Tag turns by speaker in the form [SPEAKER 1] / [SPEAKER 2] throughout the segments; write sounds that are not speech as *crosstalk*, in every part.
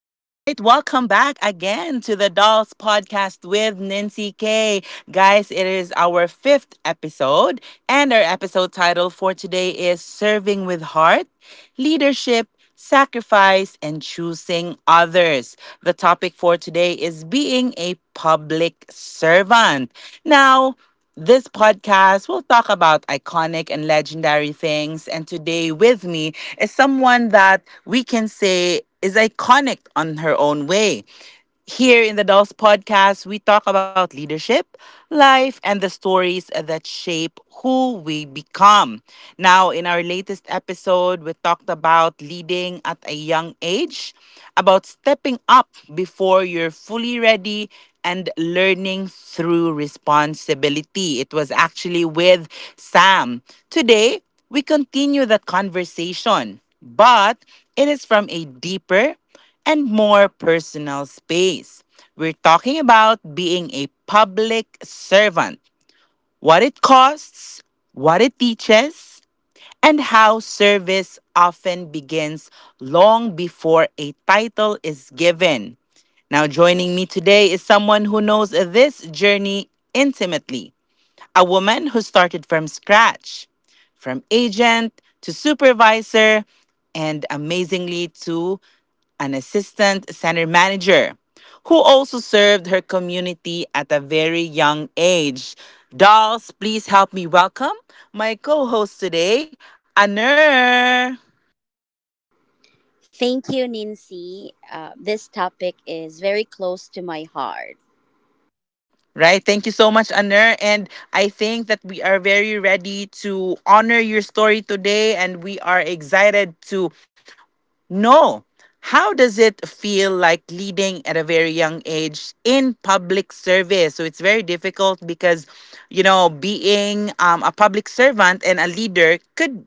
[SPEAKER 1] welcome back again to the Dolls Podcast with Nancy K. Guys, it is our fifth episode, and our episode title for today is Serving with Heart, Leadership, Sacrifice, and Choosing Others. The topic for today is being a public servant. Now, this podcast will talk about iconic and legendary things, and today with me is someone that we can say is iconic on her own way. Here in the Dolls Podcast, we talk about leadership, life, and the stories that shape who we become. Now, in our latest episode, we talked about leading at a young age, about stepping up before you're fully ready, and learning through responsibility. It was actually with Sam. Today, we continue that conversation, but it is from a deeper and more personal space. We're talking about being a public servant, what it costs, what it teaches, and how service often begins long before a title is given. Now, joining me today is someone who knows this journey intimately, a woman who started from scratch, from agent to supervisor, and amazingly to an assistant center manager who also served her community at a very young age. Dolls, please help me welcome my co-host today, Anur.
[SPEAKER 2] Thank you, Nancy. This topic is very close to my heart.
[SPEAKER 1] Right? Thank you so much, Anur. And I think that we are very ready to honor your story today and we are excited to. No. How does it feel like leading at a very young age in public service? So it's very difficult because, you know, being a public servant and a leader could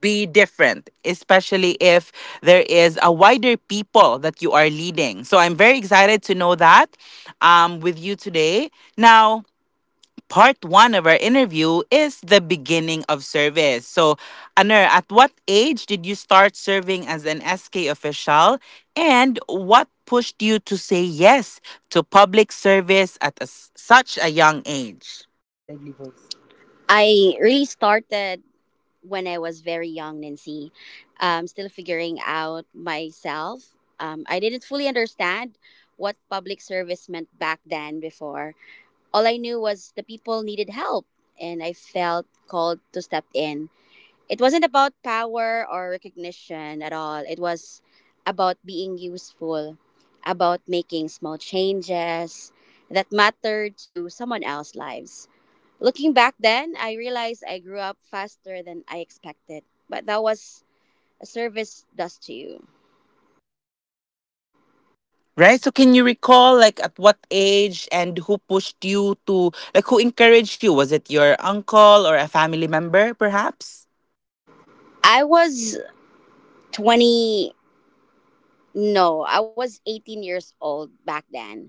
[SPEAKER 1] be different, especially if there is a wider people that you are leading. So I'm very excited to know that with you today. Now, part one of our interview is the beginning of service. So, Anur, at what age did you start serving as an SK official? And what pushed you to say yes to public service at a s such a young age?
[SPEAKER 2] Livelihoods. I really started when I was very young, Nancy. Still figuring out myself. I didn't fully understand what public service meant back then before. All I knew was the people needed help, and I felt called to step in. It wasn't about power or recognition at all. It was about being useful, about making small changes that mattered to someone else's lives. Looking back then, I realized I grew up faster than I expected, but that was a service does to you.
[SPEAKER 1] Right? So, can you recall, like, at what age and who pushed you to, like, who encouraged you? Was it your uncle or a family member, perhaps?
[SPEAKER 2] I was 20, no, I was 18 years old back then.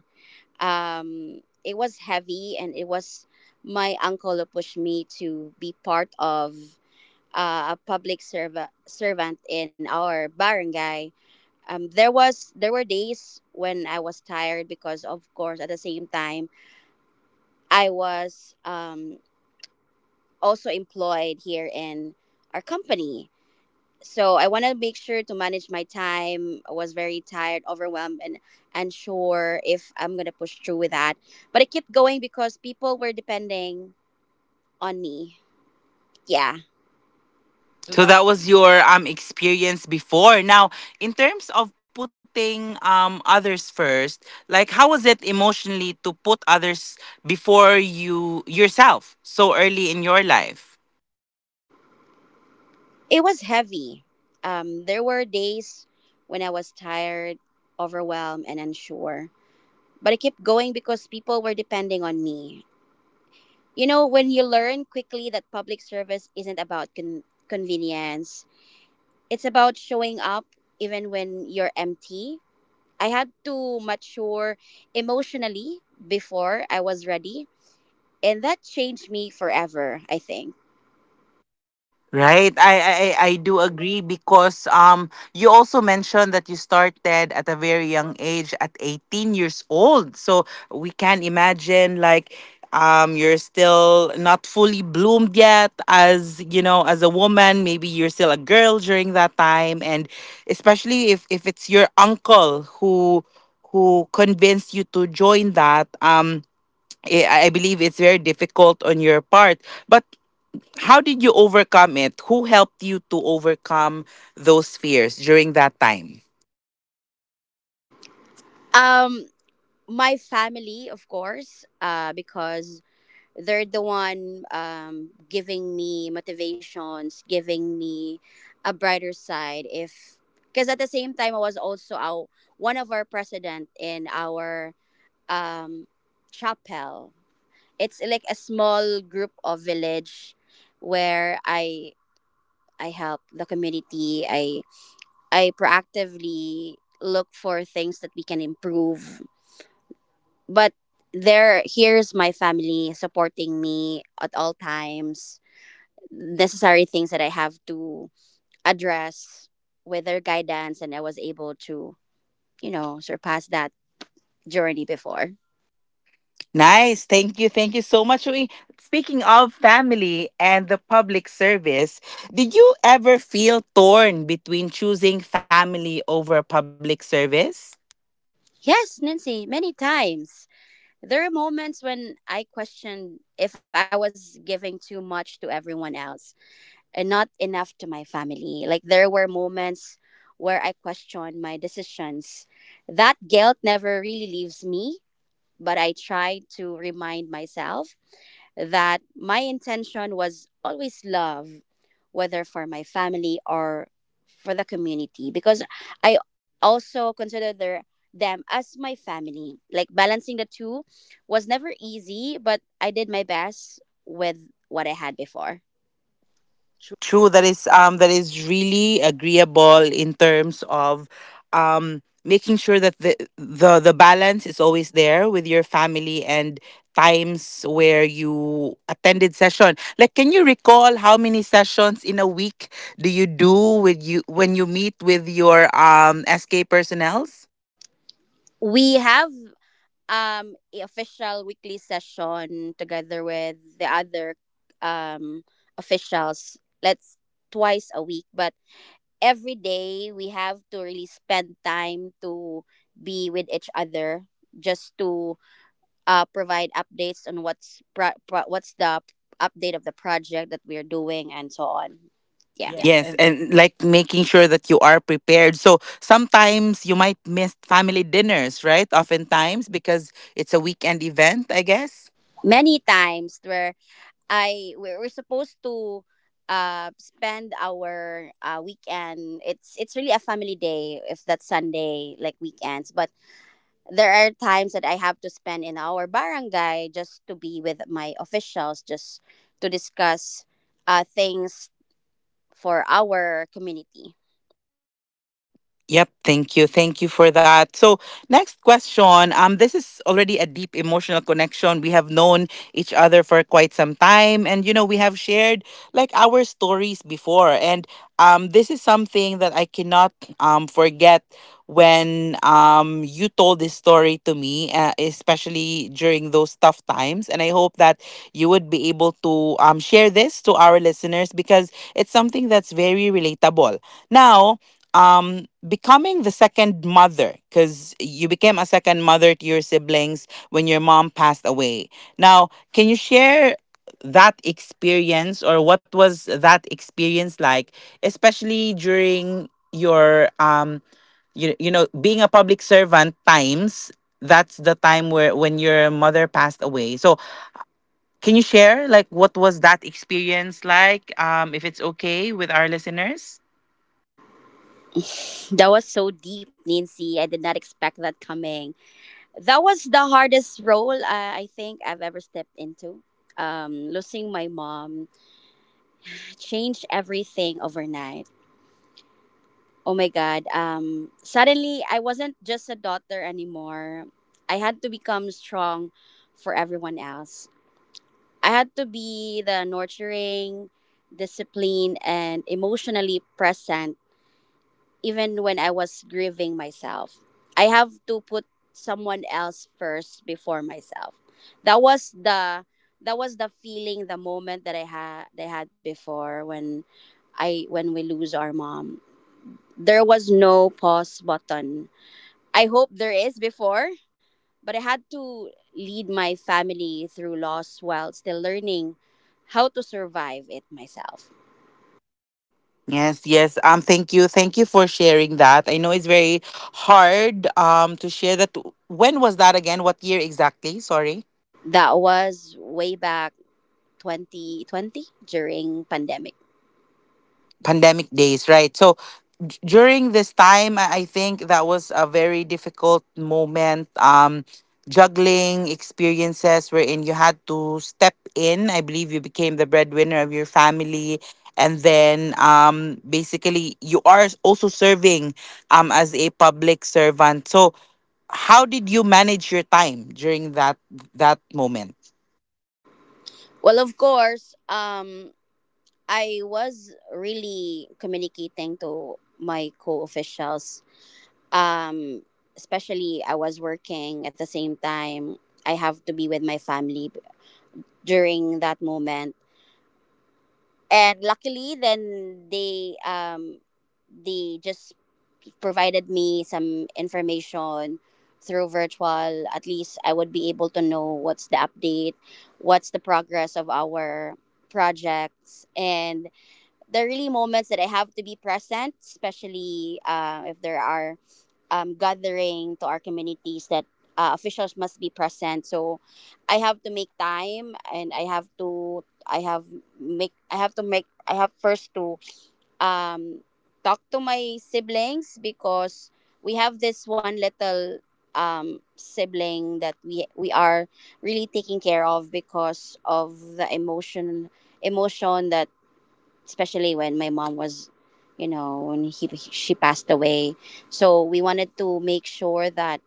[SPEAKER 2] It was heavy, and it was my uncle who pushed me to be part of a public servant in our barangay. There were days when I was tired because, of course, at the same time I was also employed here in our company. So I want to make sure to manage my time. I was very tired, overwhelmed, and unsure if I'm gonna push through with that. But I kept going because people were depending on me. Yeah.
[SPEAKER 1] So that was your experience before. Now, in terms of putting others first, like how was it emotionally to put others before you yourself so early in your life?
[SPEAKER 2] It was heavy. There were days when I was tired, overwhelmed, and unsure. But I kept going because people were depending on me. You know, when you learn quickly that public service isn't about convenience, it's about showing up even when you're empty. I had to mature emotionally before I was ready, and that changed me forever, I think.
[SPEAKER 1] Right. I do agree because you also mentioned that you started at a very young age at 18 years old. So we can imagine like you're still not fully bloomed yet, as you know, as a woman, maybe you're still a girl during that time. And especially if it's your uncle who convinced you to join that, um, I believe it's very difficult on your part, but how did you overcome it? Who helped you to overcome those fears during that time?
[SPEAKER 2] Um, my family, of course, because they're the one giving me motivations, giving me a brighter side. If Because at the same time I was also our one of our president in our um, chapel. It's like a small group of village where I help the community. I proactively look for things that we can improve. But there here's my family supporting me at all times, necessary things that I have to address with their guidance, and I was able to surpass that journey before.
[SPEAKER 1] Nice. Thank you. Thank you so much. Uy, speaking of family and the public service, did you ever feel torn between choosing family over public service?
[SPEAKER 2] Yes, Nancy, many times. There are moments when I questioned if I was giving too much to everyone else and not enough to my family. Like, there were moments where I questioned my decisions. That guilt never really leaves me, but I try to remind myself that my intention was always love, whether for my family or for the community, because I also consider them as my family. Like, balancing the two was never easy, but I did my best with what I had before.
[SPEAKER 1] True, that is really agreeable in terms of making sure that the balance is always there with your family, and times where you attended session. Like, can you recall how many sessions in a week do you do with you when you meet with your SK personnels?
[SPEAKER 2] We have a official weekly session together with the other um officials. Let's twice a week, but every day we have to really spend time to be with each other, just to provide updates on what's the update of the project that we're doing and so on, yeah.
[SPEAKER 1] Yes.
[SPEAKER 2] Yes,
[SPEAKER 1] Yes,
[SPEAKER 2] and
[SPEAKER 1] and like making sure that you are prepared. So sometimes you might miss family dinners, right? Oftentimes because it's a weekend event, I guess.
[SPEAKER 2] many times where I where we're supposed to spend our weekend. It's really a family day if that's Sunday, like weekends, but there are times that I have to spend in our barangay just to be with my officials, just to discuss things for our community.
[SPEAKER 1] Yep, thank you. Thank you for that. So, next question. This is already a deep emotional connection. We have known each other for quite some time and, you know, we have shared like our stories before. And this is something that I cannot forget when you told this story to me, especially during those tough times, and I hope that you would be able to share this to our listeners because it's something that's very relatable. Now, becoming the second mother, because you became a second mother to your siblings when your mom passed away, now can you share that experience, or what was that experience like, especially during your um, you know, being a public servant times. That's the time where when your mother passed away. So can you share like what was that experience like, um, if it's okay with our listeners?
[SPEAKER 2] That was so deep, Nancy. I did not expect that coming. That was the hardest role, I think I've ever stepped into. Losing my mom changed everything overnight. Oh my God. Suddenly, I wasn't just a daughter anymore. I had to become strong for everyone else. I had to be the nurturing, disciplined, and emotionally present even when I was grieving myself. I have to put someone else first before myself. That was the that was the feeling, the moment that I had before, when I when we lose our mom. There was no pause button. I hope there is before, but I had to lead my family through loss while still learning how to survive it myself.
[SPEAKER 1] Yes, yes. Thank you for sharing that. I know it's very hard. To share that. When was that again? What year exactly? Sorry.
[SPEAKER 2] That was way back 2020 during pandemic.
[SPEAKER 1] Pandemic days, right? So during this time, I think that was a very difficult moment. Juggling experiences wherein you had to step in. I believe you became the breadwinner of your family. And then basically, you are also serving um as a public servant. So, how did you manage your time during that moment?
[SPEAKER 2] Well, of course, I was really communicating to my co-officials. Um, especially I was working at the same time. I have to be with my family during that moment. And luckily then they just provided me some information through virtual. At least I would be able to know what's the update, what's the progress of our projects. And there are really moments that I have to be present, especially if there are gathering to our communities that officials must be present. So I have to make time, and I have first to um, talk to my siblings, because we have this one little sibling that we are really taking care of because of the emotion that, especially when my mom was, you know, when he she passed away. So we wanted to make sure that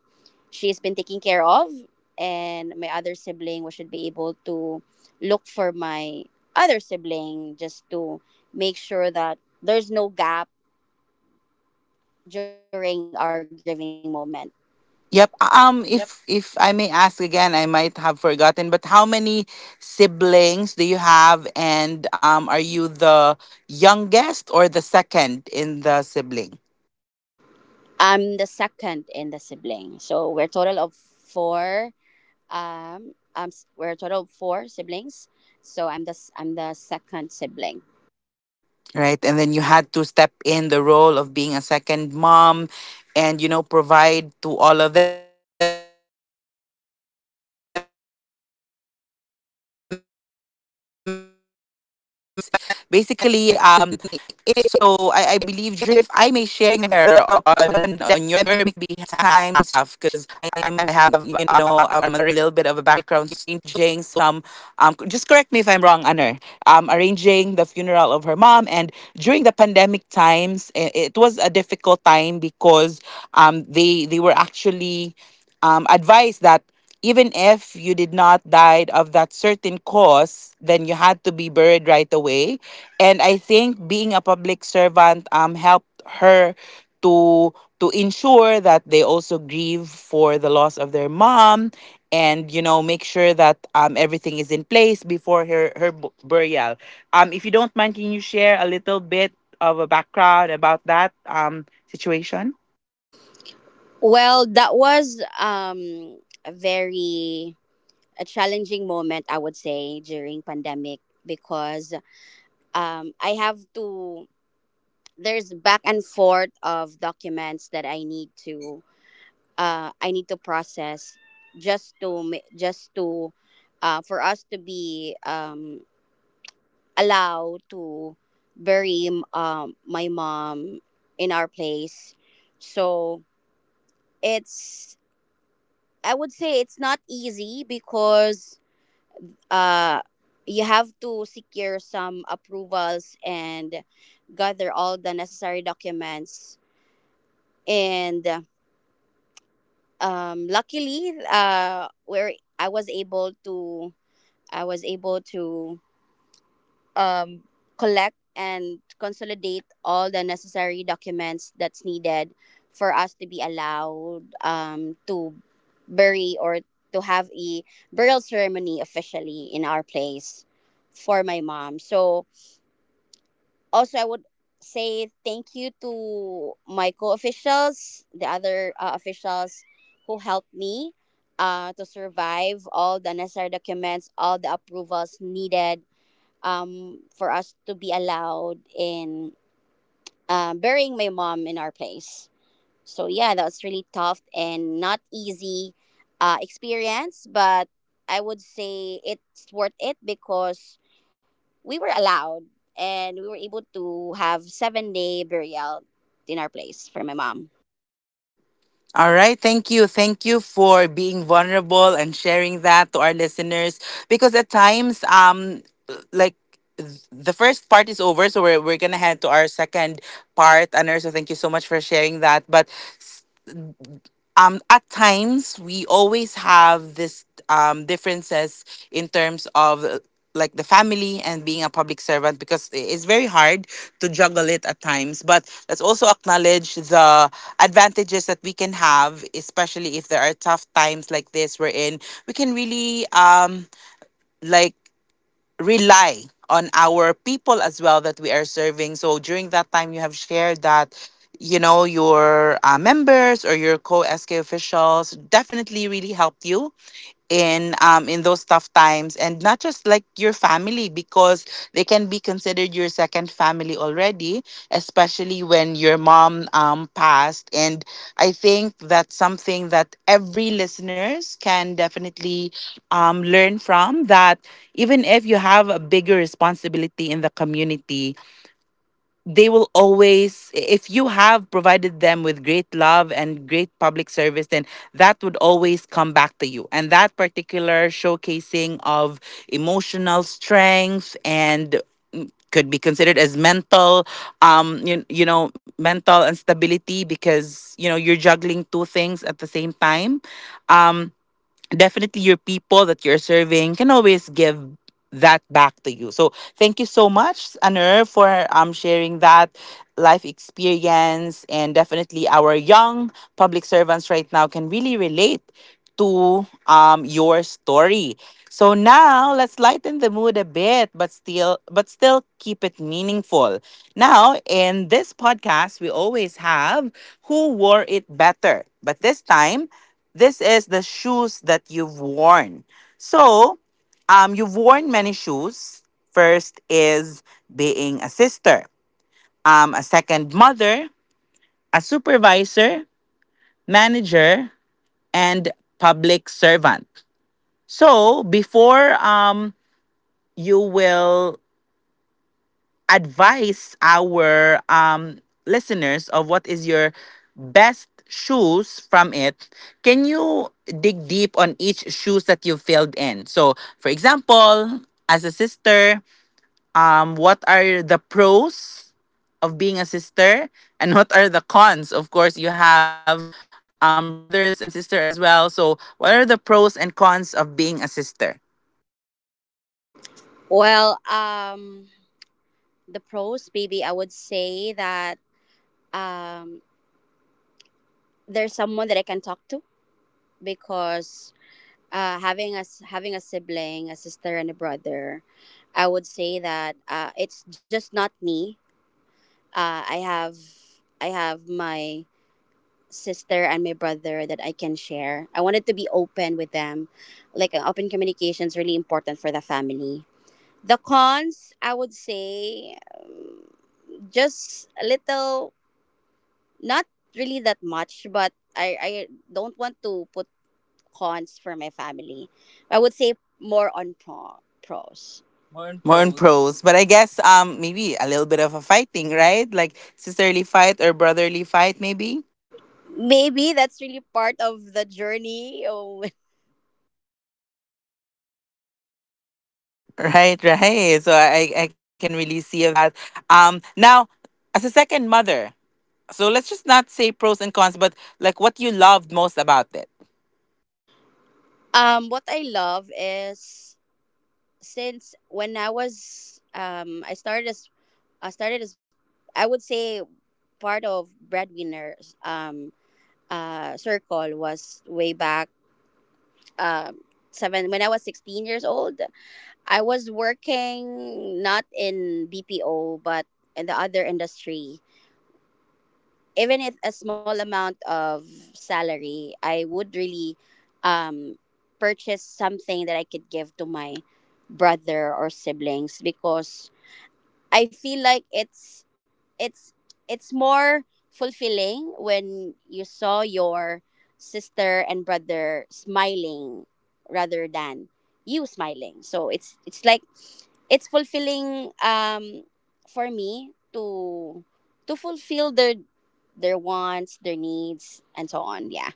[SPEAKER 2] she's been taken care of, and my other sibling, we should be able to look for my other sibling just to make sure that there's no gap during our grieving moment.
[SPEAKER 1] Yep.
[SPEAKER 2] Yep.
[SPEAKER 1] If I may ask again, I might have forgotten, but how many siblings do you have, and are you the youngest or the second in the sibling?
[SPEAKER 2] I'm the second in the sibling, so um, um we're a total of four siblings, so I'm the second sibling.
[SPEAKER 1] Right, and then you had to step in the role of being a second mom, and you know, provide to all of them. And if I may share on your behalf, because. I have um a little bit of a background story for Aner, guys. Basically, so I believe during the pandemic times, she was actually serving um the community and at the same time, you know, arranging some, just correct me if I'm wrong, Aner, arranging the funeral of her mom. And during the pandemic times, it was a difficult time because they were actually um advice that even if you did not die of that certain cause, then you had to be buried right away. And I think being a public servant um helped her to to ensure that they also grieve for the loss of their mom, and you know, make sure that everything is in place before her burial. Um, if you don't mind, can you share a little bit of a background about that situation?
[SPEAKER 2] Well, that was a very a challenging moment, I would say, during pandemic, because I have to there's back and forth of documents that I need to, process, just to for us to be allowed to bury my mom in our place. So, it's I would say it's not easy because uh you have to secure some approvals and gather all the necessary documents, and luckily, where I was able to I was able to um, collect and consolidate all the necessary documents that's needed for us to be allowed, to bury, or to have a burial ceremony officially in our place for my mom. So also, I would say thank you to my co officials, the other officials who helped me. To survive all the necessary documents, all the approvals needed, for us to be allowed in burying my mom in our place. So yeah, that was really tough and not easy, experience, but I would say it's worth it because we were allowed, and we were able to have 7-day burial in our place for my mom.
[SPEAKER 1] All right. Thank you. Thank you for being vulnerable and sharing that to our listeners because at times, like, the first part is over, so we're gonna head to our second part. Aner, so thank you so much for sharing that. But at times we always have this differences in terms of like the family and being a public servant because it's very hard to juggle it at times, but let's also acknowledge the advantages that we can have especially if there are tough times like this wherein we can really like rely on our people as well that we are serving. So during that time, you have shared that, you know, your uh members or your co SK officials definitely really helped you in those tough times, and not just like your family because they can be considered your second family already, especially when your mom passed. And I think that's something that every listeners can definitely learn from that. Even if you have a bigger responsibility in the community, they will always, if you have provided them with great love and great public service, then that would always come back to you. And that particular showcasing of emotional strength and, mm, could be considered as mental, um, you know, mental instability because you know you're juggling two things at the same time. Um, definitely your people that you're serving can always give that back to you. So thank you so much, Anur, for sharing that life experience. And definitely our young public servants right now can really relate to your story. So now let's lighten the mood a bit, but still keep it meaningful. Now in this podcast we always have who wore it better. But this time this is the shoes that you've worn. So, you've worn many shoes. First is being a sister, a second mother, a supervisor, manager, and public servant. So, before um you will advise our um listeners of what is your best shoes from it, can you dig deep on each shoes that you filled in? So, for example, as a sister, what are the pros of being a sister and what are the cons? Of course, you have um brothers and sister as well. So, what are the pros and cons of being a sister?
[SPEAKER 2] Well, the pros, maybe I would say that um, there's someone that I can talk to, because, having a sibling, a sister and a brother, I would say that, it's just not me. Uh, I have I have my sister and my brother that I can share. I wanted to be open with them. Like, open communication is really important for the family. The cons, I would say, just a little, not really that much, but I don't want to put cons for my family. I would say more on pros. More on
[SPEAKER 1] More on
[SPEAKER 2] pros.
[SPEAKER 1] pros, but I guess maybe a little bit of a fighting, right? Like sisterly fight or brotherly fight, maybe. *laughs*
[SPEAKER 2] Maybe that's really part of the journey. Oh, *laughs*
[SPEAKER 1] Right, right. So I can really see of that. Now as a second mother, so let's just not say pros and cons, but like what you loved most about this.
[SPEAKER 2] What I love is, since when I was I started as I would say part of breadwinners circle, was way back, um seven when I was 16 years old. I was working not in BPO but in the other industry. Even if a small amount of salary, I would really, um, purchase something that I could give to my brother or siblings, because I feel like it's it's more fulfilling when you saw your sister and brother smiling rather than you smiling. So it's fulfilling, for me to fulfill their wants, their needs, and so on. Yeah.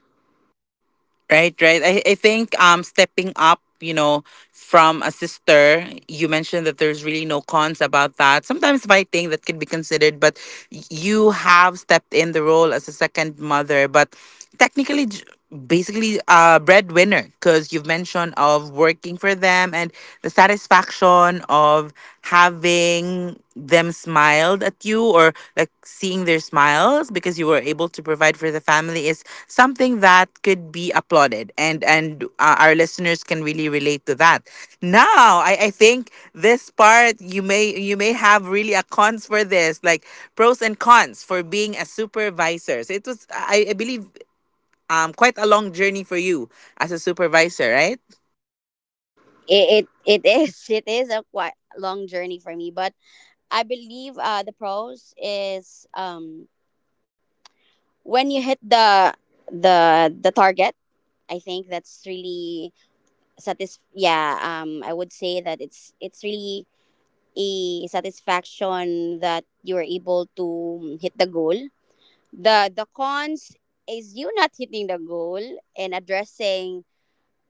[SPEAKER 1] Right, right. I think stepping up, you know, from a sister, you mentioned that there's really no cons about that. Sometimes fighting that can be considered, but you have stepped in the role as a second mother, but technically j- basically a breadwinner because you've mentioned of working for them and the satisfaction of having helping them smiled at you or like seeing their smiles because you were able to provide for the family is something that could be applauded and our listeners can really relate to that. Now I think this part you may have really a cons for this, like pros and cons for being a supervisor. So it was I believe quite a long journey for you as a supervisor, right?
[SPEAKER 2] It is *laughs* it is a quite long journey for me, but I believe the pros is, when you hit the target. I think that's really I would say that it's really a satisfaction that you are able to, hit the goal. The cons is you not hitting the goal and addressing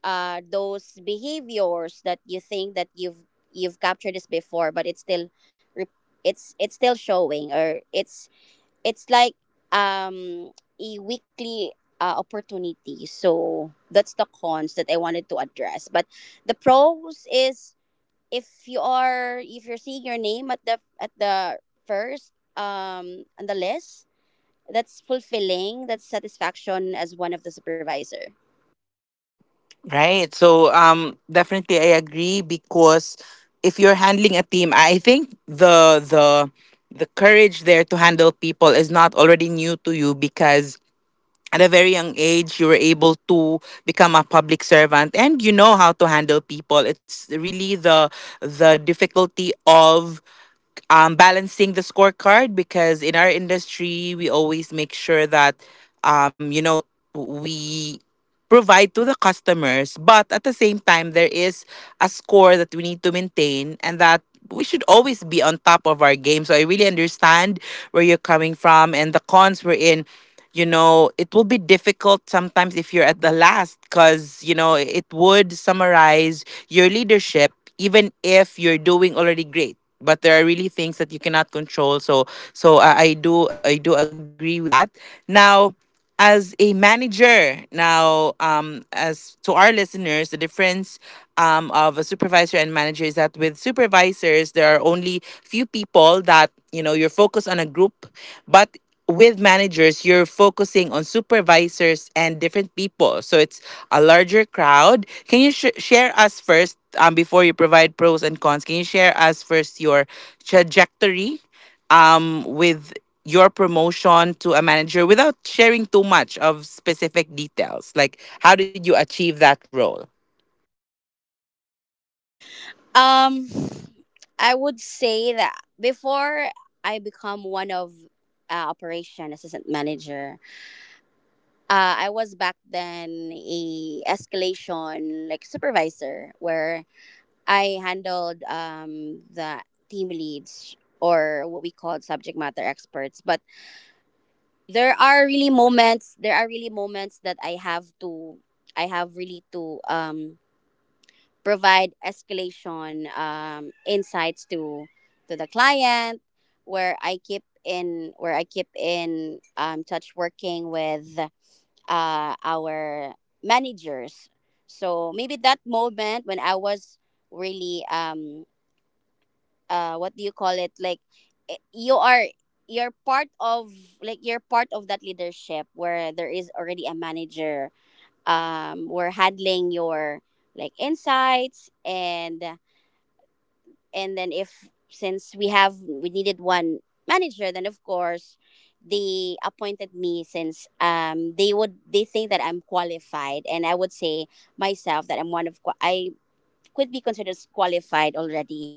[SPEAKER 2] those behaviors that you think that you've captured this before, but re- it's still showing, or it's like um a weekly, opportunity. So that's the cons that I wanted to address. But the pros is, if you're seeing your name at the first, on the list, that's fulfilling. That's satisfaction as one of the supervisor.
[SPEAKER 1] Right. So definitely I agree because if you're handling a team, I think the the courage there to handle people is not already new to you because at a very young age you were able to become a public servant and you know how to handle people. It's really the difficulty of balancing the scorecard because in our industry we always make sure that you know, we provide to the customers, but at the same time there is a score that we need to maintain and that we should always be on top of our game, so I really understand where you're coming from. And the cons we're in, you know, it will be difficult sometimes if you're at the last because, you know, it would summarize your leadership even if you're doing already great. But there are really things that you cannot control. So I do agree with that. Now, as a manager now, as to our listeners, the difference of a supervisor and manager is that with supervisors there are only few people that you know you're focused on a group, but with managers you're focusing on supervisors and different people, so it's a larger crowd. Can you share us first, before you provide pros and cons, can you share us first your trajectory with your promotion to a manager without sharing too much of specific details? Like, how did you achieve that role?
[SPEAKER 2] um I would say that before I become one of operation assistant manager, I was back then a escalation like supervisor, where I handled the team leads, or what we called subject matter experts. But there are really moments. There are really moments that I have to. I have really to provide escalation insights to the client where I keep in touch working with our managers. So maybe that moment when I was really what do you call it, like you are, you're part of, like you're part of that leadership where there is already a manager, um, we're handling your like insights. And then, if since we have, we needed one manager, then of course they appointed me since they would, they think that I'm qualified, and I would say myself that I'm one of I could be considered qualified already.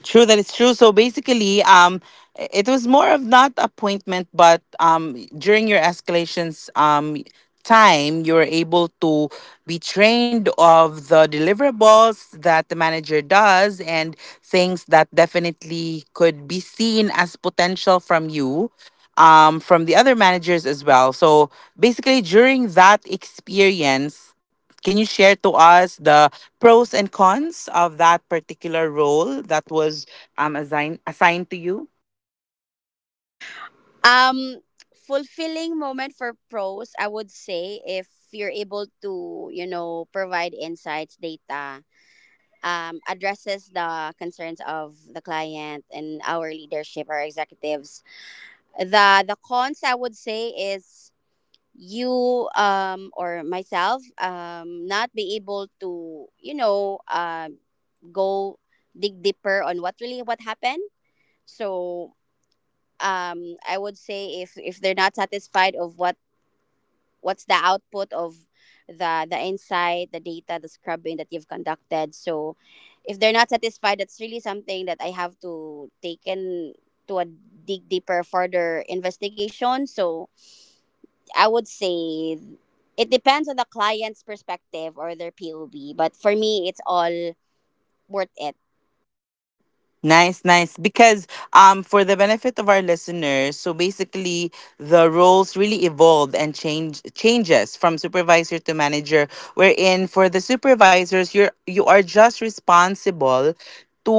[SPEAKER 1] True, that it's true. So basically, it was more of not appointment, but during your escalations time, you were able to be trained of the deliverables that the manager does and things that definitely could be seen as potential from you. From the other managers as well. So basically, during that experience, can you share to us the pros and cons of that particular role that was assigned to you?
[SPEAKER 2] um Fulfilling moment for pros, I would say, if you're able to, you know, provide insights, data, addresses the concerns of the client and our leadership, our executives. The cons I would say is you, or myself, not be able to, you know, go dig deeper on what really what happened. So I would say, if they're not satisfied of what, what's the output of the insight, the data, the scrubbing that you've conducted. So if they're not satisfied, that's really something that I have to take in to a dig deeper, further investigation. So I would say it depends on the client's perspective or their POV, but for me, it's all worth it.
[SPEAKER 1] Nice, nice. Because for the benefit of our listeners, so basically the roles really evolved and changes from supervisor to manager, wherein for the supervisors you're you are just responsible to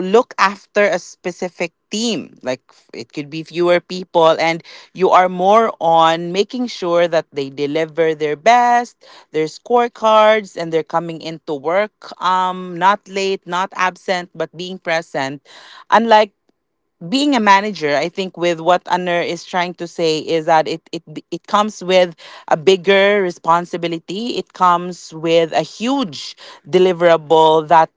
[SPEAKER 1] look after a specific team. Like, it could be fewer people, and you are more on making sure that they deliver their best, their scorecards, and they're coming into work, not late, not absent, but being present. Unlike being a manager, I think with what Anner is trying to say is that it comes with a bigger responsibility. It comes with a huge deliverable that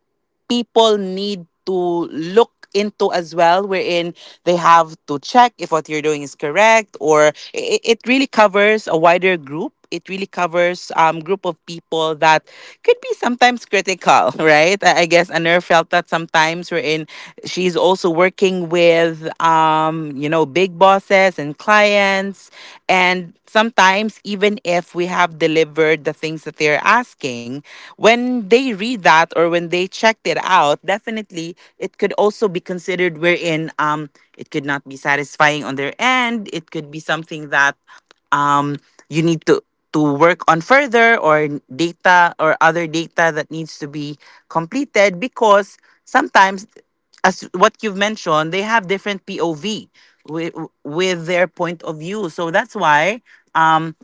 [SPEAKER 1] people need to look into as well, wherein they have to check if what you're doing is correct, or it really covers a wider group. It really covers group of people that could be sometimes critical. *laughs* Right, I guess Anur felt that sometimes, wherein she's also working with you know, big bosses and clients. And sometimes, even if we have delivered the things that they're asking, when they read that or when they checked it out, definitely it could also be considered, wherein it could not be satisfying on their end. It could be something that um, you need to work on further, or data or other data that needs to be completed, because sometimes, as what you've mentioned, they have different POV with, with their point of view. So that's why, um,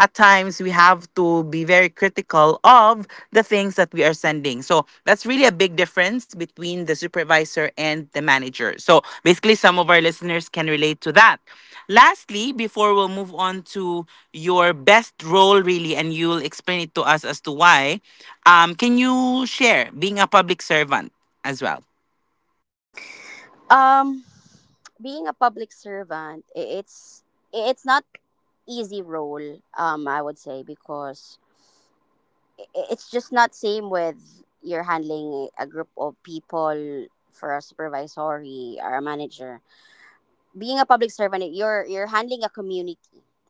[SPEAKER 1] at times we have to be very critical of the things that we are sending. So that's really a big difference between the supervisor and the manager. So basically, some of our listeners can relate to that. Lastly, before we'll move on to your best role, really, and you'll explain it to us as to why, can you share being a public servant as well?
[SPEAKER 2] Um, Being a public servant, it's not easy role. I would say, because i- it's just not same with you're handling a group of people for a supervisory or a manager. Being a public servant, you're handling a community.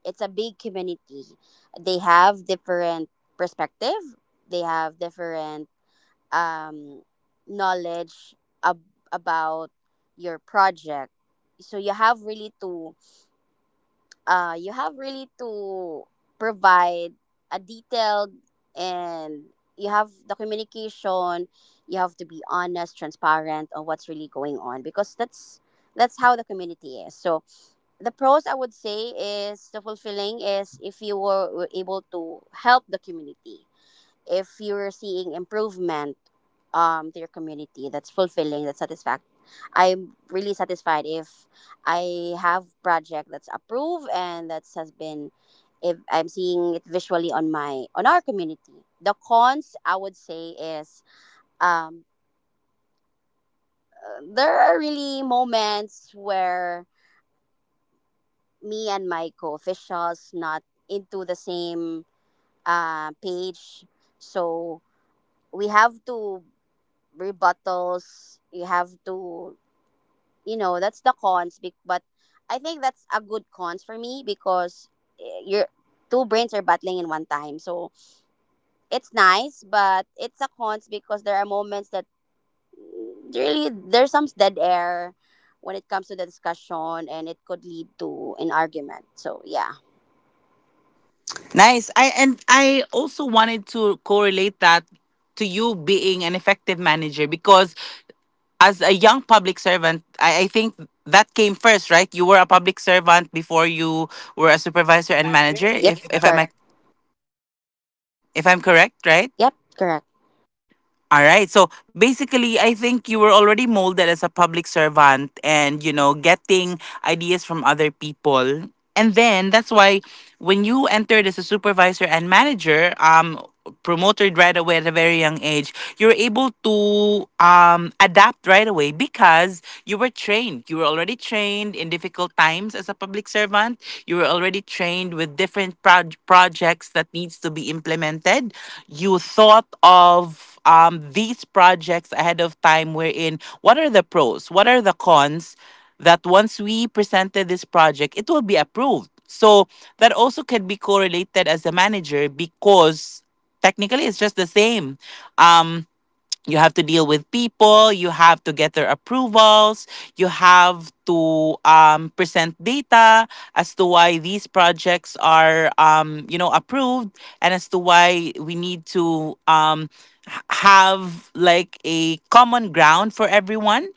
[SPEAKER 2] It's a big community. They have different perspective, they have different um knowledge ab- about your project. So you have really to you have really to provide a detailed, and you have the communication. You have to be honest, transparent on what's really going on, because that's how the community is. So the pros, I would say, is the fulfilling, is if were able to help the community, if you were seeing improvement to your community, that's fulfilling, that's satisfact. I'm really satisfied if I have project that's approved and that has been, if I'm seeing it visually on my on our community. The cons I would say is um there are really moments where me and my co-officials not into the same page. So we have to rebuttals, you have to, you know, that's the cons but I think that's a good cons for me because your two brains are battling in one time. So it's nice, but it's a cons because there are moments that really there's some dead air when it comes to the discussion, and it could lead to an argument. So yeah.
[SPEAKER 1] Nice. I and I also wanted to correlate that to you being an effective manager because as a young public servant, I think that came first, right? You were a public servant before you were a supervisor
[SPEAKER 2] And
[SPEAKER 1] and
[SPEAKER 2] manager,
[SPEAKER 1] manager,
[SPEAKER 2] if, yep,
[SPEAKER 1] if
[SPEAKER 2] if I'm correct.
[SPEAKER 1] if I'm correct, right?
[SPEAKER 2] Yep, correct.
[SPEAKER 1] All right. So basically, I think you were already molded as a public servant and, you know, getting ideas from other people. And then that's why when you entered as a supervisor and manager, promoted right away at a very young age, you're able to adapt right away because you were trained. You were already trained in difficult times as a public servant. You were already trained with different projects that needs to be implemented. You thought of these projects ahead of time, wherein what are the pros, what are the cons, that once we presented this project it will be approved. So that also can be correlated as a manager because technically it's just the same. Um, you have to deal with people, you have to get their approvals, you have to present data as to why these projects are you know, approved, and as to why we need to have like a common ground for everyone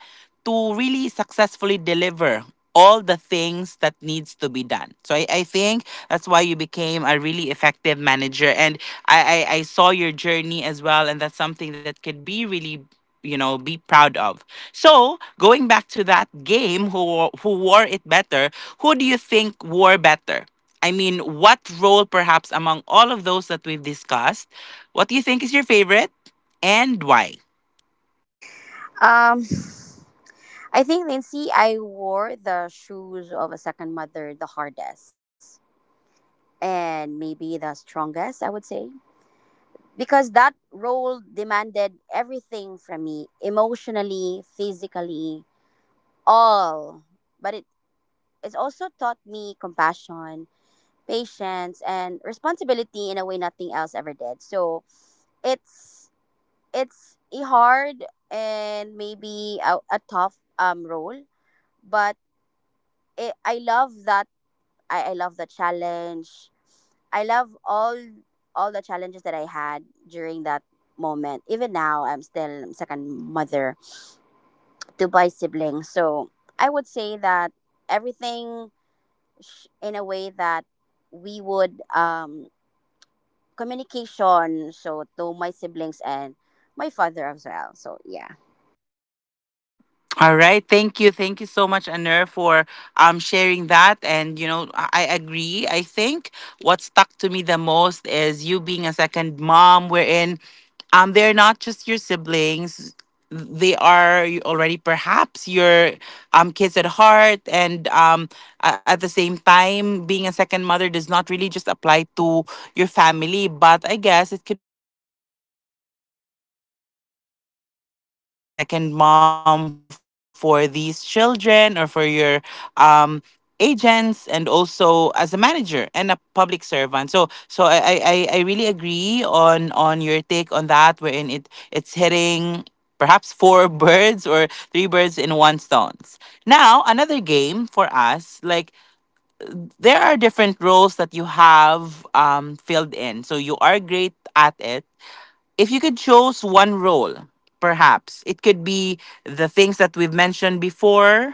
[SPEAKER 1] to really successfully deliver all the things that needs to be done. So I think that's why you became a really effective manager. And I saw your journey as well. And that's something that could be really, you know, be proud of. So going back to that game, who wore it better, who do you think wore better? I mean, what role perhaps among all of those that we've discussed, what do you think is your favorite and why?
[SPEAKER 2] Um, I think, Lindsay, I wore the shoes of a second mother the hardest, and maybe the strongest, I would say, because that role demanded everything from me emotionally, physically, all. But it also taught me compassion, patience, and responsibility in a way nothing else ever did. So it's it's a hard and maybe a tough role, but I love that. I love the challenge. I love all the challenges that I had during that moment. Even now I'm still second mother to my siblings. So I would say that everything, in a way that we would communication so to my siblings and my father as well. So yeah.
[SPEAKER 1] All right. Thank you. Thank you so much, Anur, for sharing that. And you know, I agree. I think what stuck to me the most is you being a second mom, wherein they're not just your siblings. They are already perhaps your kids at heart, and at the same time, being a second mother does not really just apply to your family, but I guess it could also be applied to you being a supervisor, because you're becoming the second mom for these children or for your um agents, and also as a manager and a public servant. So I really agree on your take on that, wherein it it's hitting perhaps four *laughs* birds or three birds in one stones. Now, another game for us, like, there are different roles that you have filled in, so you are great at it. If you could choose one role, perhaps it could be the things that we've mentioned before,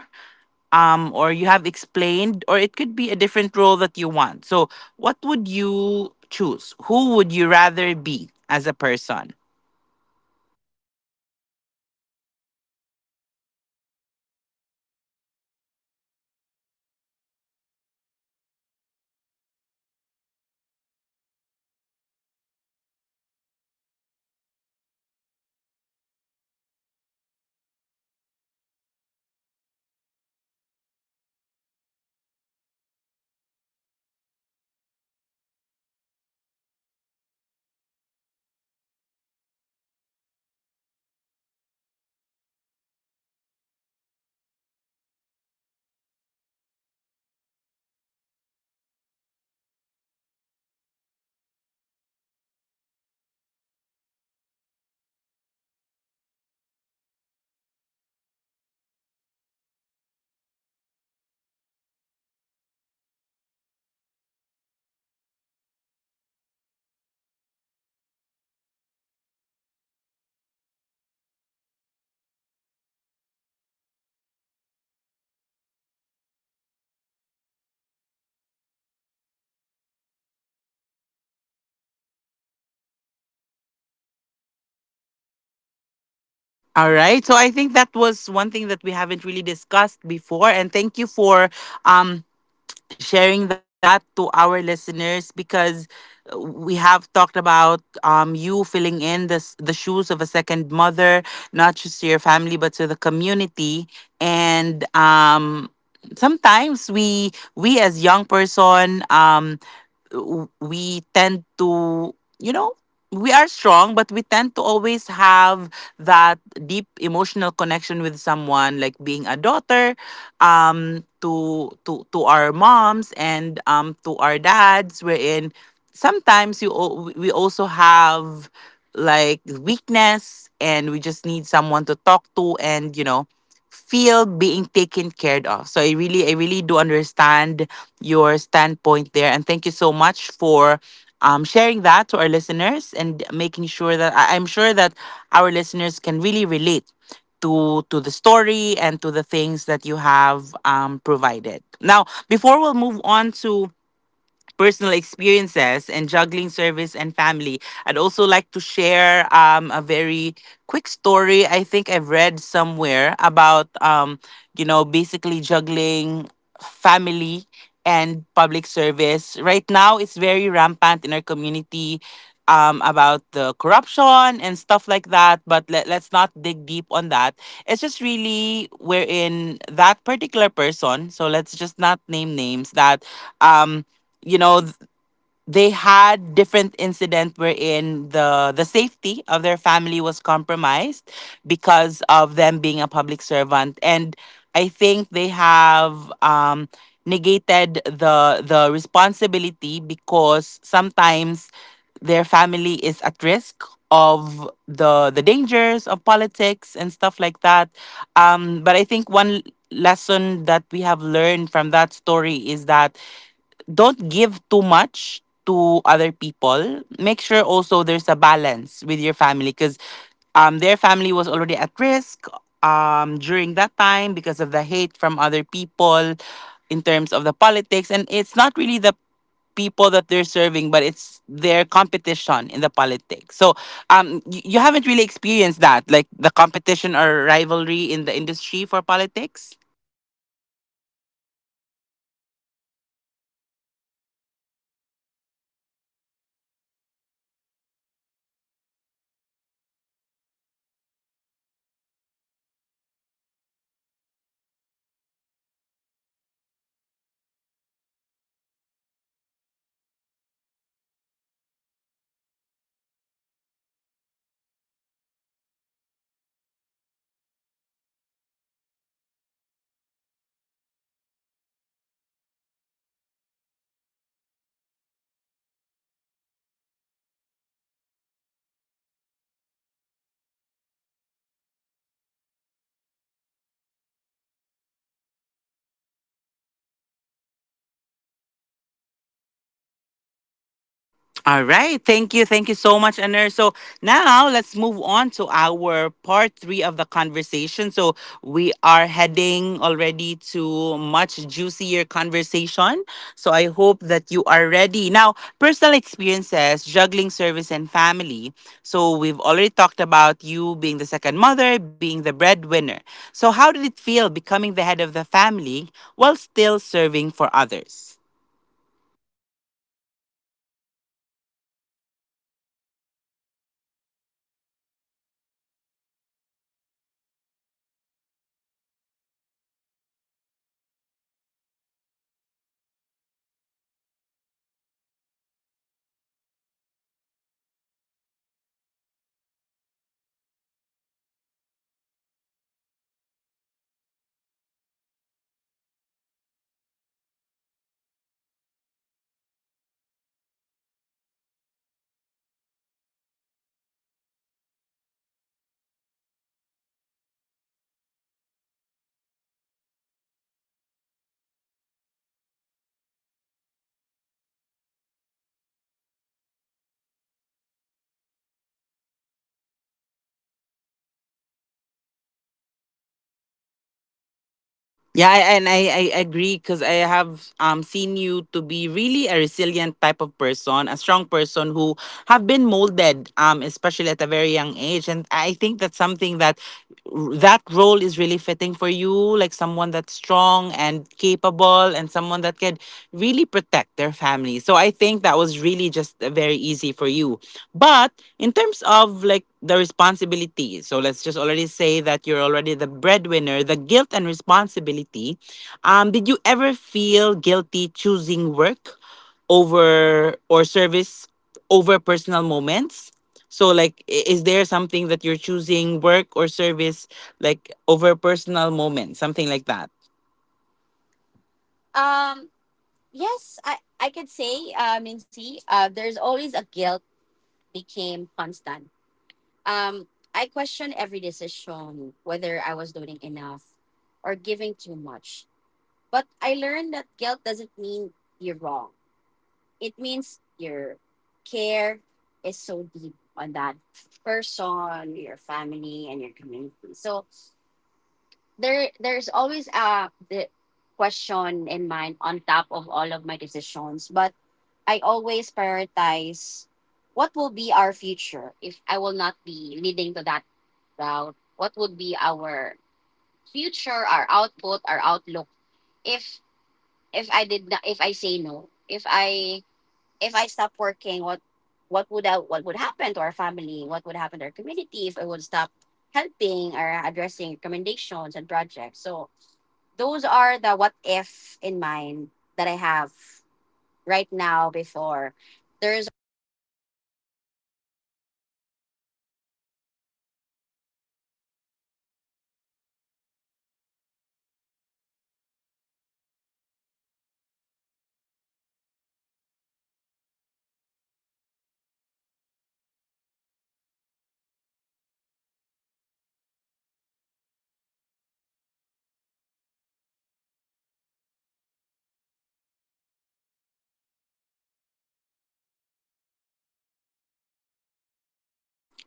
[SPEAKER 1] or you have explained, or it could be a different role that you want. So, what would you choose? Who would you rather be as a person?
[SPEAKER 2] Uh, Well, I would say, Nancy, I would choose to be a daughter because that's the role I feel I miss the most. *laughs* I grew up too fast. I didn't get to just to lean on someone the way daughters should. Because when you're seeing right now, if, especially if you're roaming around seeing mother and daughter tandem, the choosing to be a daughter is choosing softness, something I'm still learning to give myself, because I believe I am too hard to myself. And I am looking into choosing softness, I would say, because I become strong maybe in a young age. Or yeah, I become strong in a young age all of that role that I had when, when my mother passed away, being a public servant, you know, being in this industry in a young age. So yeah, I think I choose to be a daughter, and choosing softness, something I wanted to give it myself, Lindsay.
[SPEAKER 1] All right. So I think that was one thing that we haven't really discussed before. And thank you for um sharing that to our listeners because we have talked about you filling in this, the shoes of a second mother, not just to your family, but to the community. And sometimes we as young person, we tend to, you know, we are strong, but we tend to always have that deep emotional connection with someone, like being a daughter to to our moms and to our dads, wherein sometimes we also have like weakness and we just need someone to talk to and you know feel being taken care of. So I really do understand your standpoint there, and thank you so much for sharing that to our listeners and making sure that I'm sure that our listeners can really relate to the story and to the things that you have provided. Now, before we'll move on to personal experiences and juggling service and family, I'd also like to share a very quick story I think I've read somewhere about, you know, basically juggling family and public service. Right now, it's very rampant in our community. About the corruption and stuff like that, but let's not dig deep on that. It's just really wherein that particular person, so let's just not name names, that um, you know th- they had different incident wherein the safety of their family was compromised because of them being a public servant. And I think they have negated the responsibility because sometimes their family is at risk of the dangers of politics and stuff like that. But I think one lesson that we have learned from that story is that don't give too much to other people. Make sure also there's a balance with your family, because their family was already at risk during that time because of the hate from other people in terms of the politics. And it's not really the people that they're serving, but it's their competition in the politics. So you haven't really experienced that, like the competition or rivalry in the industry for politics.
[SPEAKER 2] There is always, but you have to choose *laughs* kindness. So you have to avoid those misunderstanding. Before, I had one, but I opted to side ping the that person because I don't want to build a boundaries or a boundary to that person. So I don't want something's going on in our community that's is being seen by everybody. So I I choose kindness. I choose to talk to the person personally after that argument that we had. Yeah.
[SPEAKER 1] All right. Thank you. Thank you so much, Aner. So now let's move on to our part three of the conversation. So we are heading already to much juicier conversation. So I hope that you are ready. Now, personal experiences, juggling service and family. So we've already talked about you being the second mother, being the breadwinner. So how did it feel becoming the head of the family while still serving for others?
[SPEAKER 2] Well, Nancy, it was overwhelming for me. There was pressure to provide, to stay strong, and to never fail. Especially if you're a provider, you wanted to provide everything as much as you can. And you have to stay strong even if you don't have anything any even penny in your pocket. So I never fail in their faces, in their lives. So I couldn't afford to break down because too many people were depending on me. Like I cannot just um ask like an hour or 2 hours on a day just for me to break down, because I think it's not, it's not me if that's the case, because I learned resilience out of necessity, not by choice.
[SPEAKER 1] Yeah, I agree, because I have seen you to be really a resilient type of person, a strong person who have been molded, especially at a very young age. And I think that's something that that role is really fitting for you, like someone that's strong and capable and someone that can really protect their family. So I think that was really just very easy for you. But in terms of like the responsibility, so let's just already say that you're already the breadwinner, the guilt and responsibility. Did you ever feel guilty choosing work over or service over personal moments? So like is there something that you're choosing work or service like over personal moments, something like that?
[SPEAKER 2] Um yes, I could say, Lindsay, there's always a guilt, became constant. Um I question every decision whether I was doing enough or giving too much. But I learned that guilt doesn't mean you're wrong. It means your care is so deep on that person, your family, and your community. So there is always the question in mind on top of all of my decisions, but I always prioritize what will be our future if I will not be leading to that route. What would be our future, our output, our outlook if if I did not, if I say no, if I stop working, what would I, what would happen to our family? What would happen to our community if I would stop helping or addressing recommendations and projects? So those are the what if in mind that I have right now before. There's always what if, but I always look for things that um keeping me going. Like I always look for future um happenings if I would, because I always test the water, I always weigh in things. If I decided to grab that opportunity, go with that decision, and so on. So I think there's always a guilt, but you have to be firm in your decision.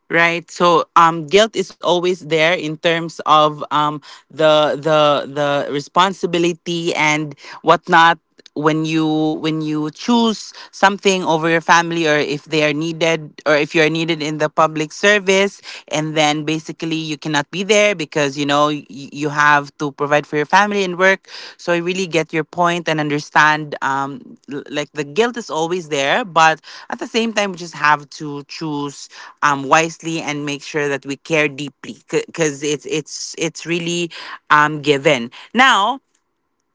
[SPEAKER 1] Right. So um, guilt is always there in terms of the responsibility and whatnot, when you when you choose something over your family, or if they are needed or if you are needed in the public service, and then basically you cannot be there because you know you have to provide for your family and work. So I really get your point and understand like the guilt is always there, but at the same time we just have to choose wisely and make sure that we care deeply, because it's really given. Now,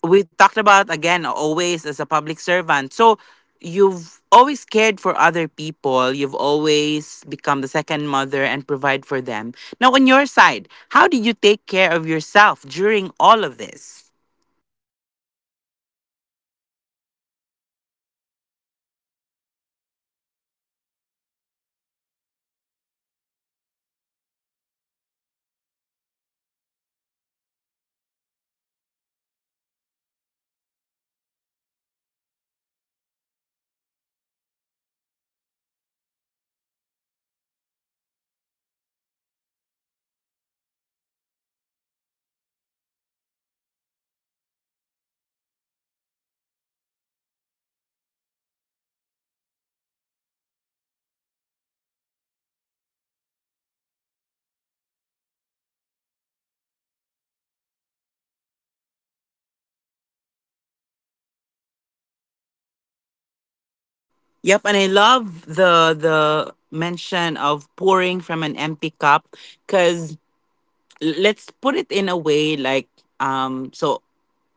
[SPEAKER 1] we talked about again always as a public servant, so you've always cared for other people. You've always become the second mother and provide for them. Now on your side, how did you take care of yourself during all of this?
[SPEAKER 2] Well, *laughs* I did not see this coming. Well, Nancy, honestly, I didn't at first, because I learned later that you cannot just pour from an empty cup. So it's just like you. If you're an empty, you what can you provide to your family if you're also exhausted, if you're also tired and like, so yeah, I learned later that you cannot just pour from an empty cup. So self care became survival, but not luxury for me.
[SPEAKER 1] Yep, and I love the mention of pouring from an empty cup, because let's put it in a way like so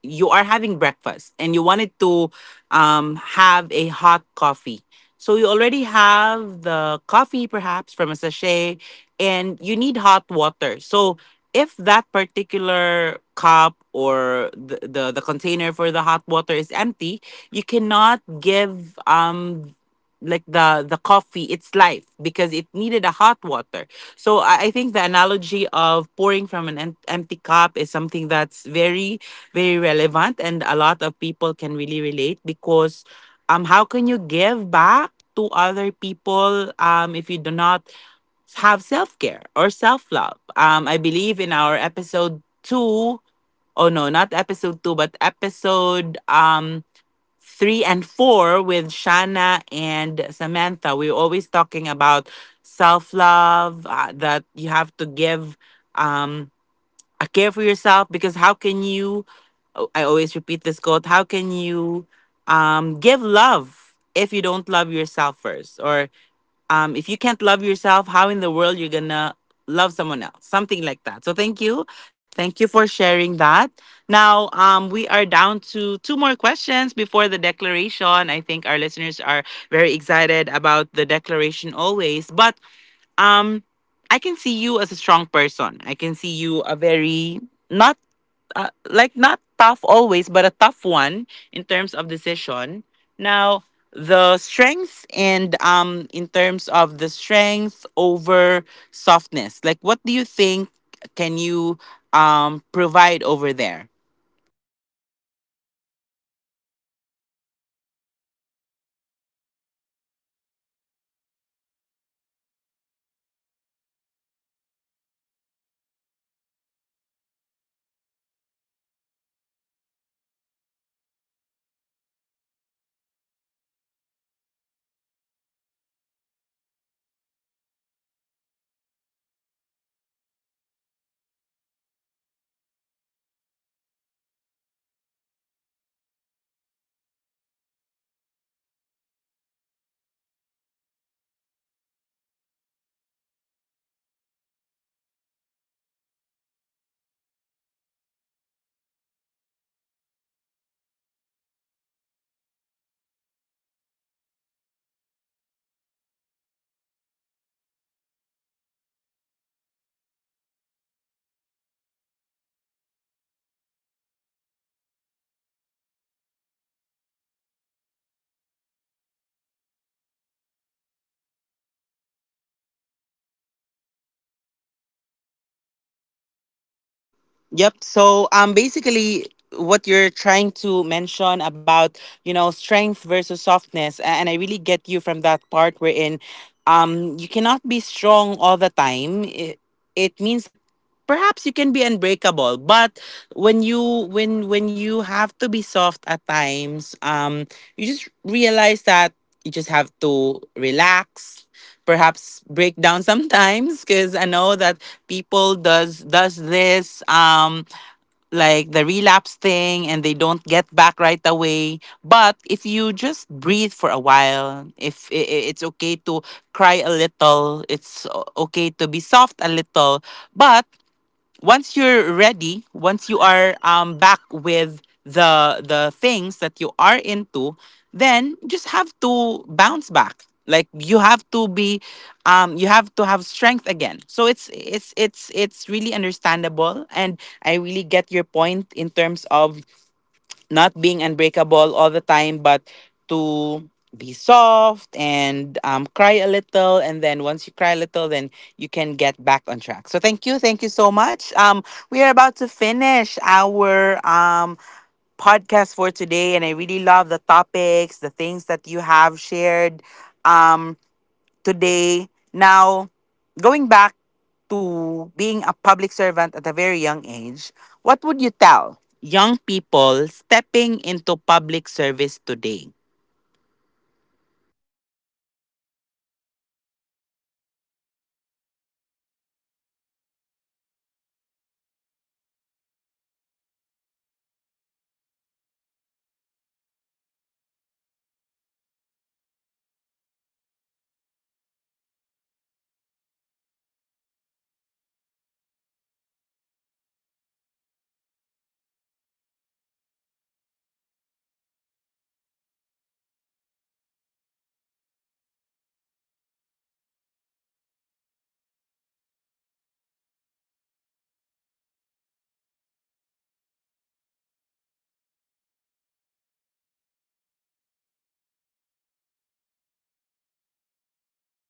[SPEAKER 1] you are having breakfast and you wanted to have a hot coffee. So you already have the coffee, perhaps from a sachet, and you need hot water. So if that particular cup or the container for the hot water is empty, you cannot give like the coffee its life because it needed a hot water. So I think the analogy of pouring from an empty cup is something that's very very relevant and a lot of people can really relate, because how can you give back to other people if you do not have self-care or self-love. Um, I believe in our episode 2, oh no, not episode 2, but episode 3 and 4, with Shana and Samantha, we're always talking about self-love that you have to give um care for yourself, because how can you, oh, I always repeat this quote, how can you give love if you don't love yourself first, or if you can't love yourself, how in the world you're gonna love someone else, something like that. So thank you, thank you for sharing that. Now um, we are down to two more questions before the declaration. I think our listeners are very excited about the declaration always, but um I can see you as a strong person, I can see you a very not like not tough always, but a tough one in terms of decision. Now, the strengths and in terms of the strength over softness, like what do you think can you provide over there?
[SPEAKER 2] Yep. When I realize strength doesn't always mean being unbreakable. Sometimes strength is allowing yourself to rest, to cry, and ask for help. So you have really to pause and give give time to yourself, like at least you have to spend, you have to, like, there's a moment, like what we call it right now, it's relapse. So there are moments that you have to be with yourself because you have to give back with yourself before you give back to others, because you're the one, you, it's like a gasoline, you're the fuel. So you have to be full, you have to be energetic before you share it to everyone, because I believe I have, like for example, you have to eat, you have first to eat for you to for you to, like, if you're going to hosting, so you have to eat so that you have energy. So something like that, that you have first to give back to yourself before to others.
[SPEAKER 1] Yep. So basically what you're trying to mention about, you know, strength versus softness, and I really get you from that part wherein you cannot be strong all the time. It means that perhaps you can be unbreakable, but when you when you have to be soft at times, you just realize that you just have to relax, perhaps break down *laughs* sometimes, because I know that people does this like the relapse thing, and they don't get back right away. But if you just breathe for a while, if it's okay to cry a little, it's okay to be soft a little, but once you're ready, once you are back with the things that you are into, then you just have to bounce back. Like you have to be um, you have to have strength again. So it's really understandable, and I really get your point in terms of not being unbreakable all the time, but to be soft and cry a little. And then once you cry a little, then you can get back on track. So thank you. Thank you so much. We are about to finish our podcast for today. And I really love the topics, the things that you have shared. Um, today. Now, going back to being a public servant at a very young age, what would you tell young people stepping into public service today?
[SPEAKER 2] Well, one message, like, serve with heart, but don't lose yourself because leadership doesn't require sacrifice of your identity. So it is requires balance, boundaries, and compassion for yourself. You have really to love your role because once you love your role, you would be able to understand, and then once you understand, you would be able to know what's your purpose. And when you start from there you would uh you would once you love your job or you love your role you would be able to provide all of you, like, you have to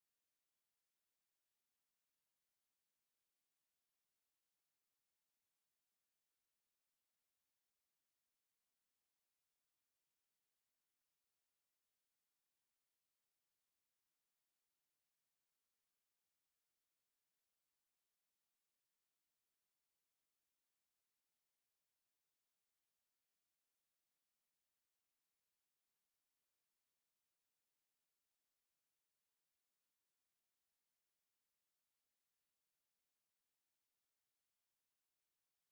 [SPEAKER 2] give everything that you know, give everything that you wanted to to share, especially if you're a supervisor, you wanted to address those opportunities and whatnot. Then, if you know how to address it, you should be able to address those root cause. And then for public servant, then if you love your role, then you have just to love your community, and then just be proactive and always be on top of the needed for the for those people that needed your needed your job and needed your help, so yeah.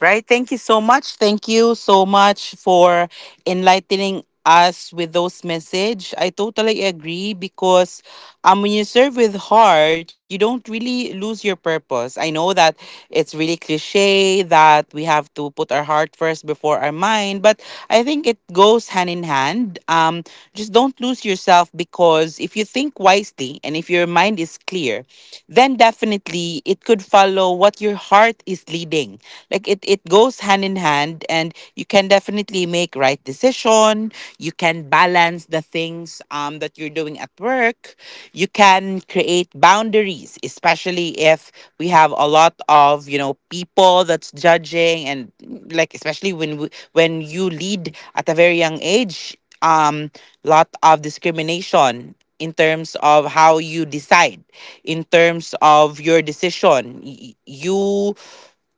[SPEAKER 1] Right. Thank you so much. Thank you so much for enlightening us with those message. I totally agree, because when you serve with heart, you don't really lose your purpose. I know that it's really cliche that we have to put our heart first before our mind, but I think it goes hand in hand. Um, just don't lose yourself, because if you think wisely and if your mind is clear, then definitely it could follow what your heart is leading, like it goes hand in hand, and you can definitely make right decision. You can balance the things that you're doing at work, you can create boundaries, especially if we have a lot of you know people that's judging, and like especially when when you lead at a very young age, lot of discrimination in terms of how you decide in terms of your decision. You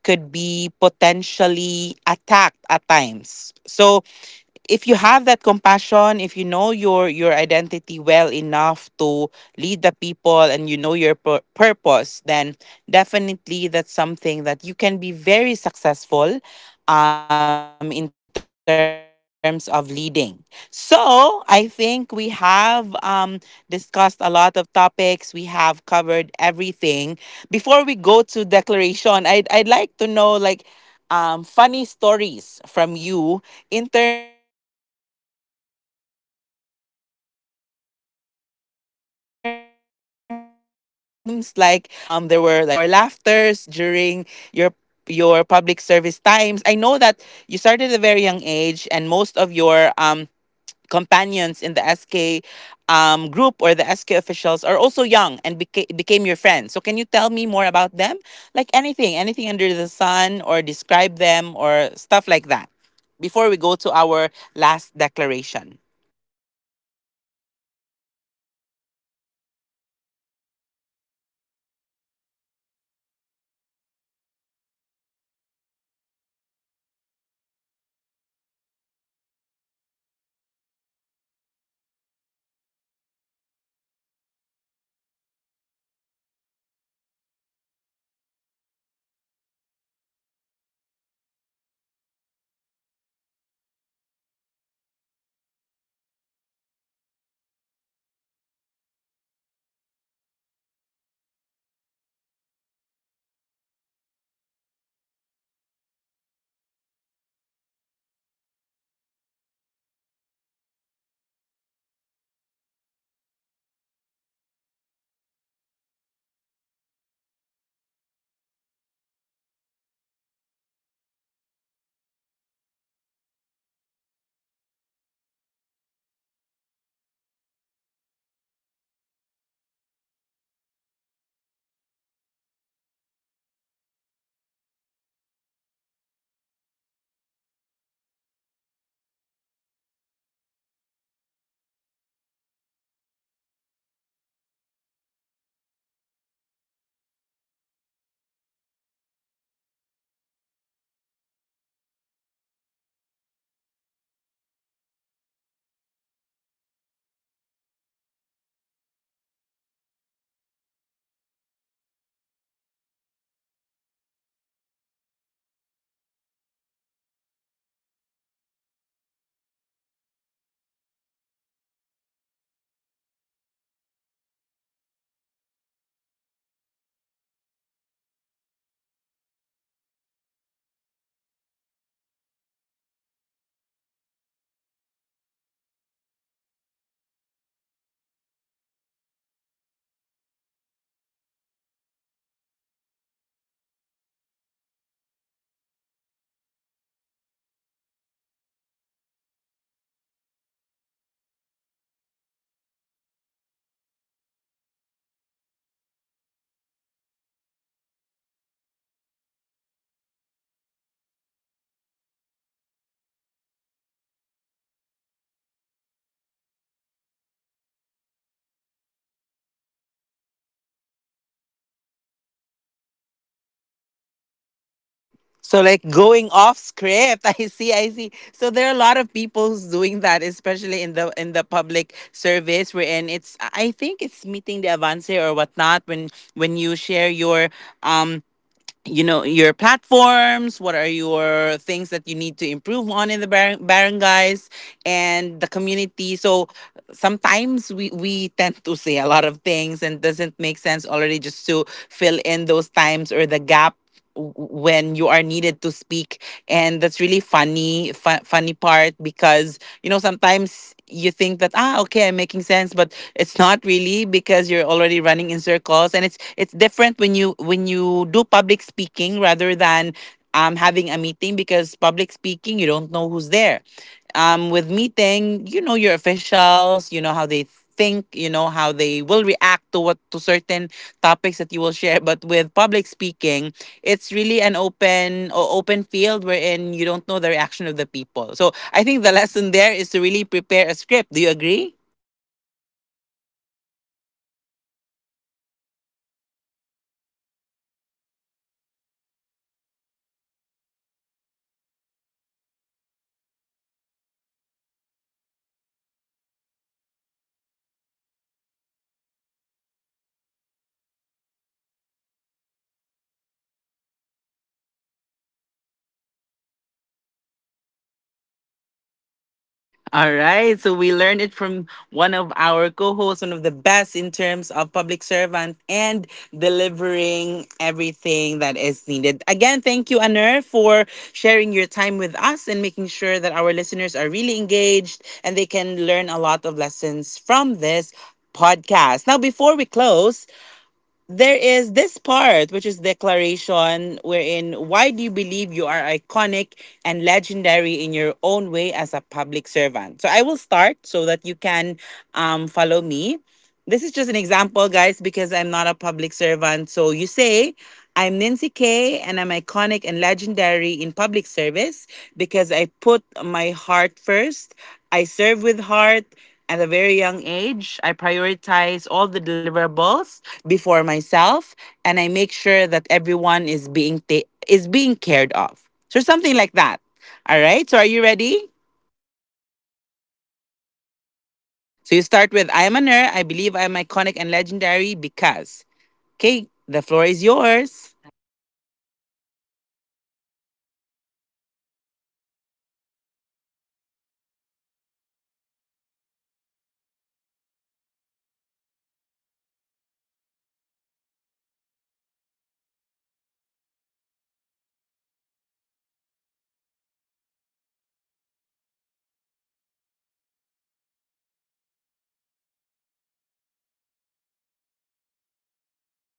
[SPEAKER 1] could be potentially attacked at times. So if you have that compassion, if you know your identity well enough to lead the people, and you know your purpose, then definitely that's something that you can be very successful in terms of leading. So, I think we have discussed a lot of topics. We have covered everything. Before we go to declaration, I would I'd like to know like funny stories from you in terms of your like public service. Were there times like there were like failing moments or laughters during your your public service times? I know that you started at a very young age, and most of your companions in the SK group or the SK officials are also young, and became your friends. So can you tell me more about them? Like anything, anything under the sun, or describe them or stuff like that before we go to our last declaration.
[SPEAKER 2] Well, we have different we have different, um, you know, flaws. So there are moments because during our like campaign before, there are really moments that we have really to make time to meet each other just to just for us to be ready in what verbatim, what our propagandas that we wanted to share to our communities, to each group of people in each barangay. So what the funny thing before is when we had this when we had this propaganda or this group of, like, when we doing our speech or doing our verbatims, because we have, like, a a sheet of paper, like we wanted to we wanted to always start with our first name and our age. It's just so funny because it's in yellow pad. So it's just like, um, you're just writing like you're like a college, but you didn't just realize that, hey, you're already doing a introduction to a lot of people, like hundreds of people. So it's just so funny because um uh, one of our one of my co-officials before, when we're having this campaign, eh, doesn't have a sheet because he actually, like, believe in improntos. So whatever comes to his mind he wanted just to share it to the community. And then we just laugh because it's not *laughs* making sense anymore. So it's we don't know if he's running for an SK official or just running for a president sometimes, with a speech that he didn't know that it's coming from his head, his mouth. After the only after the verbatims, the allowable, minutes that we are allowed to talk in front of the people, he just realized that, why did I say it? Why did I share it to the *laughs* people? It's nonsense. It's not necessary. So, but me and the rest of the coffee shops, I always just follow the verbatims, the script. I always have a script because I don't want to go to the route that I. it it's not something that they would understand. So yeah, I think that's the funny thing for me.
[SPEAKER 1] So like going off script, *laughs* I see, I see. So there are a lot of people who's doing that, especially in the public service wherein it's I think it's meeting the avance or whatnot, when you share your um you know your platforms, what are your things that you need to improve on in the barangays and the community. So sometimes we tend to say a lot of things and doesn't make sense already, just to fill in those times or the gap when you are needed to speak. And that's really funny, funny part, because you know sometimes you think that ah okay, I'm making sense, but it's not really, because you're already running in circles, and it's different when you do public speaking rather than having a meeting, because public speaking you don't know who's there. Um, with meeting, you know your officials, you know how they think, you know how they will react to what to certain topics that you will share. But with public speaking, it's really an open open field, wherein you don't know the reaction of the people. So I think the lesson there is to really prepare a script. Do you agree?
[SPEAKER 2] *laughs* I agree, because you're going is what you shared. You have to prepare your platforms, what your what are the informations that you wanted to share to the people. But if you don't have a script, then you're just going around in circle and people are just looking at you, and then, what is he saying? What is he saying? So you have to really prepare for a script if you wanted to go to public speaking. It's a must, guys.
[SPEAKER 1] All right. So we learned it from one of our co-hosts, one of the best in terms of public servant and delivering everything that is needed. Again, thank you, Anur, for sharing your time with us and making sure that our listeners are really engaged, and they can learn a lot of lessons from this podcast. Now, before we close, there is this part, which is declaration, wherein why do you believe you are iconic and legendary in your own way as a public servant? So I will start so that you can follow me. This is just an example, guys, because I'm not a public servant. So you say, I'm Nancy Kay and I'm iconic and legendary in public service because I put my heart first. I serve with heart at a very young age. I prioritize all the deliverables before myself, and I make sure that everyone is being is being cared of. So something like that. All right? So are you ready?
[SPEAKER 2] Yeah, *laughs* I think I'm ready. You
[SPEAKER 1] So
[SPEAKER 2] start
[SPEAKER 1] you
[SPEAKER 2] with
[SPEAKER 1] start with,
[SPEAKER 2] Ayman.
[SPEAKER 1] I am a nerd. I believe I am iconic and legendary because, okay,
[SPEAKER 2] The floor
[SPEAKER 1] the
[SPEAKER 2] is
[SPEAKER 1] floor is
[SPEAKER 2] yours. All
[SPEAKER 1] yours.
[SPEAKER 2] right. Um, I'm a nerd. I believe I am. I'm. I. I. I am iconic and legendary because I serve with love, even when it was hard. I choose responsibility, growth, and compassion. Not because it was easy, but because it was needed.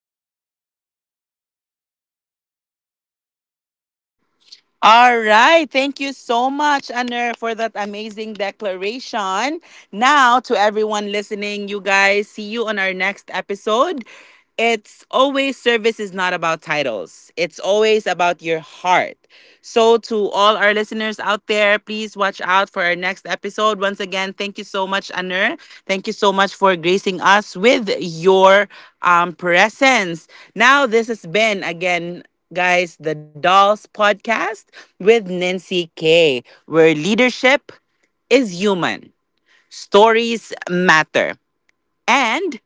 [SPEAKER 2] And I am proud of that journey.
[SPEAKER 1] All right. Thank you so much, Anur, for that amazing declaration. Now, to everyone listening, you guys, see you on our next episode. It's always service is not about titles, it's always about your heart. So, to all our listeners out there, please watch out for our next episode. Once again, thank you so much, Anur. Thank you so much for gracing us with your presence. Now, this has been, again, guys, the Dolls Podcast with Nancy K, where leadership is human, stories matter. And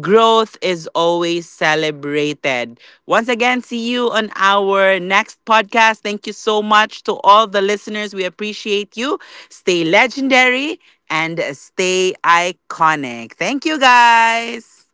[SPEAKER 1] growth is always celebrated. Once again, see you on our next podcast. Thank you so much to all the listeners. We appreciate you. Stay legendary and stay iconic. Thank you, guys.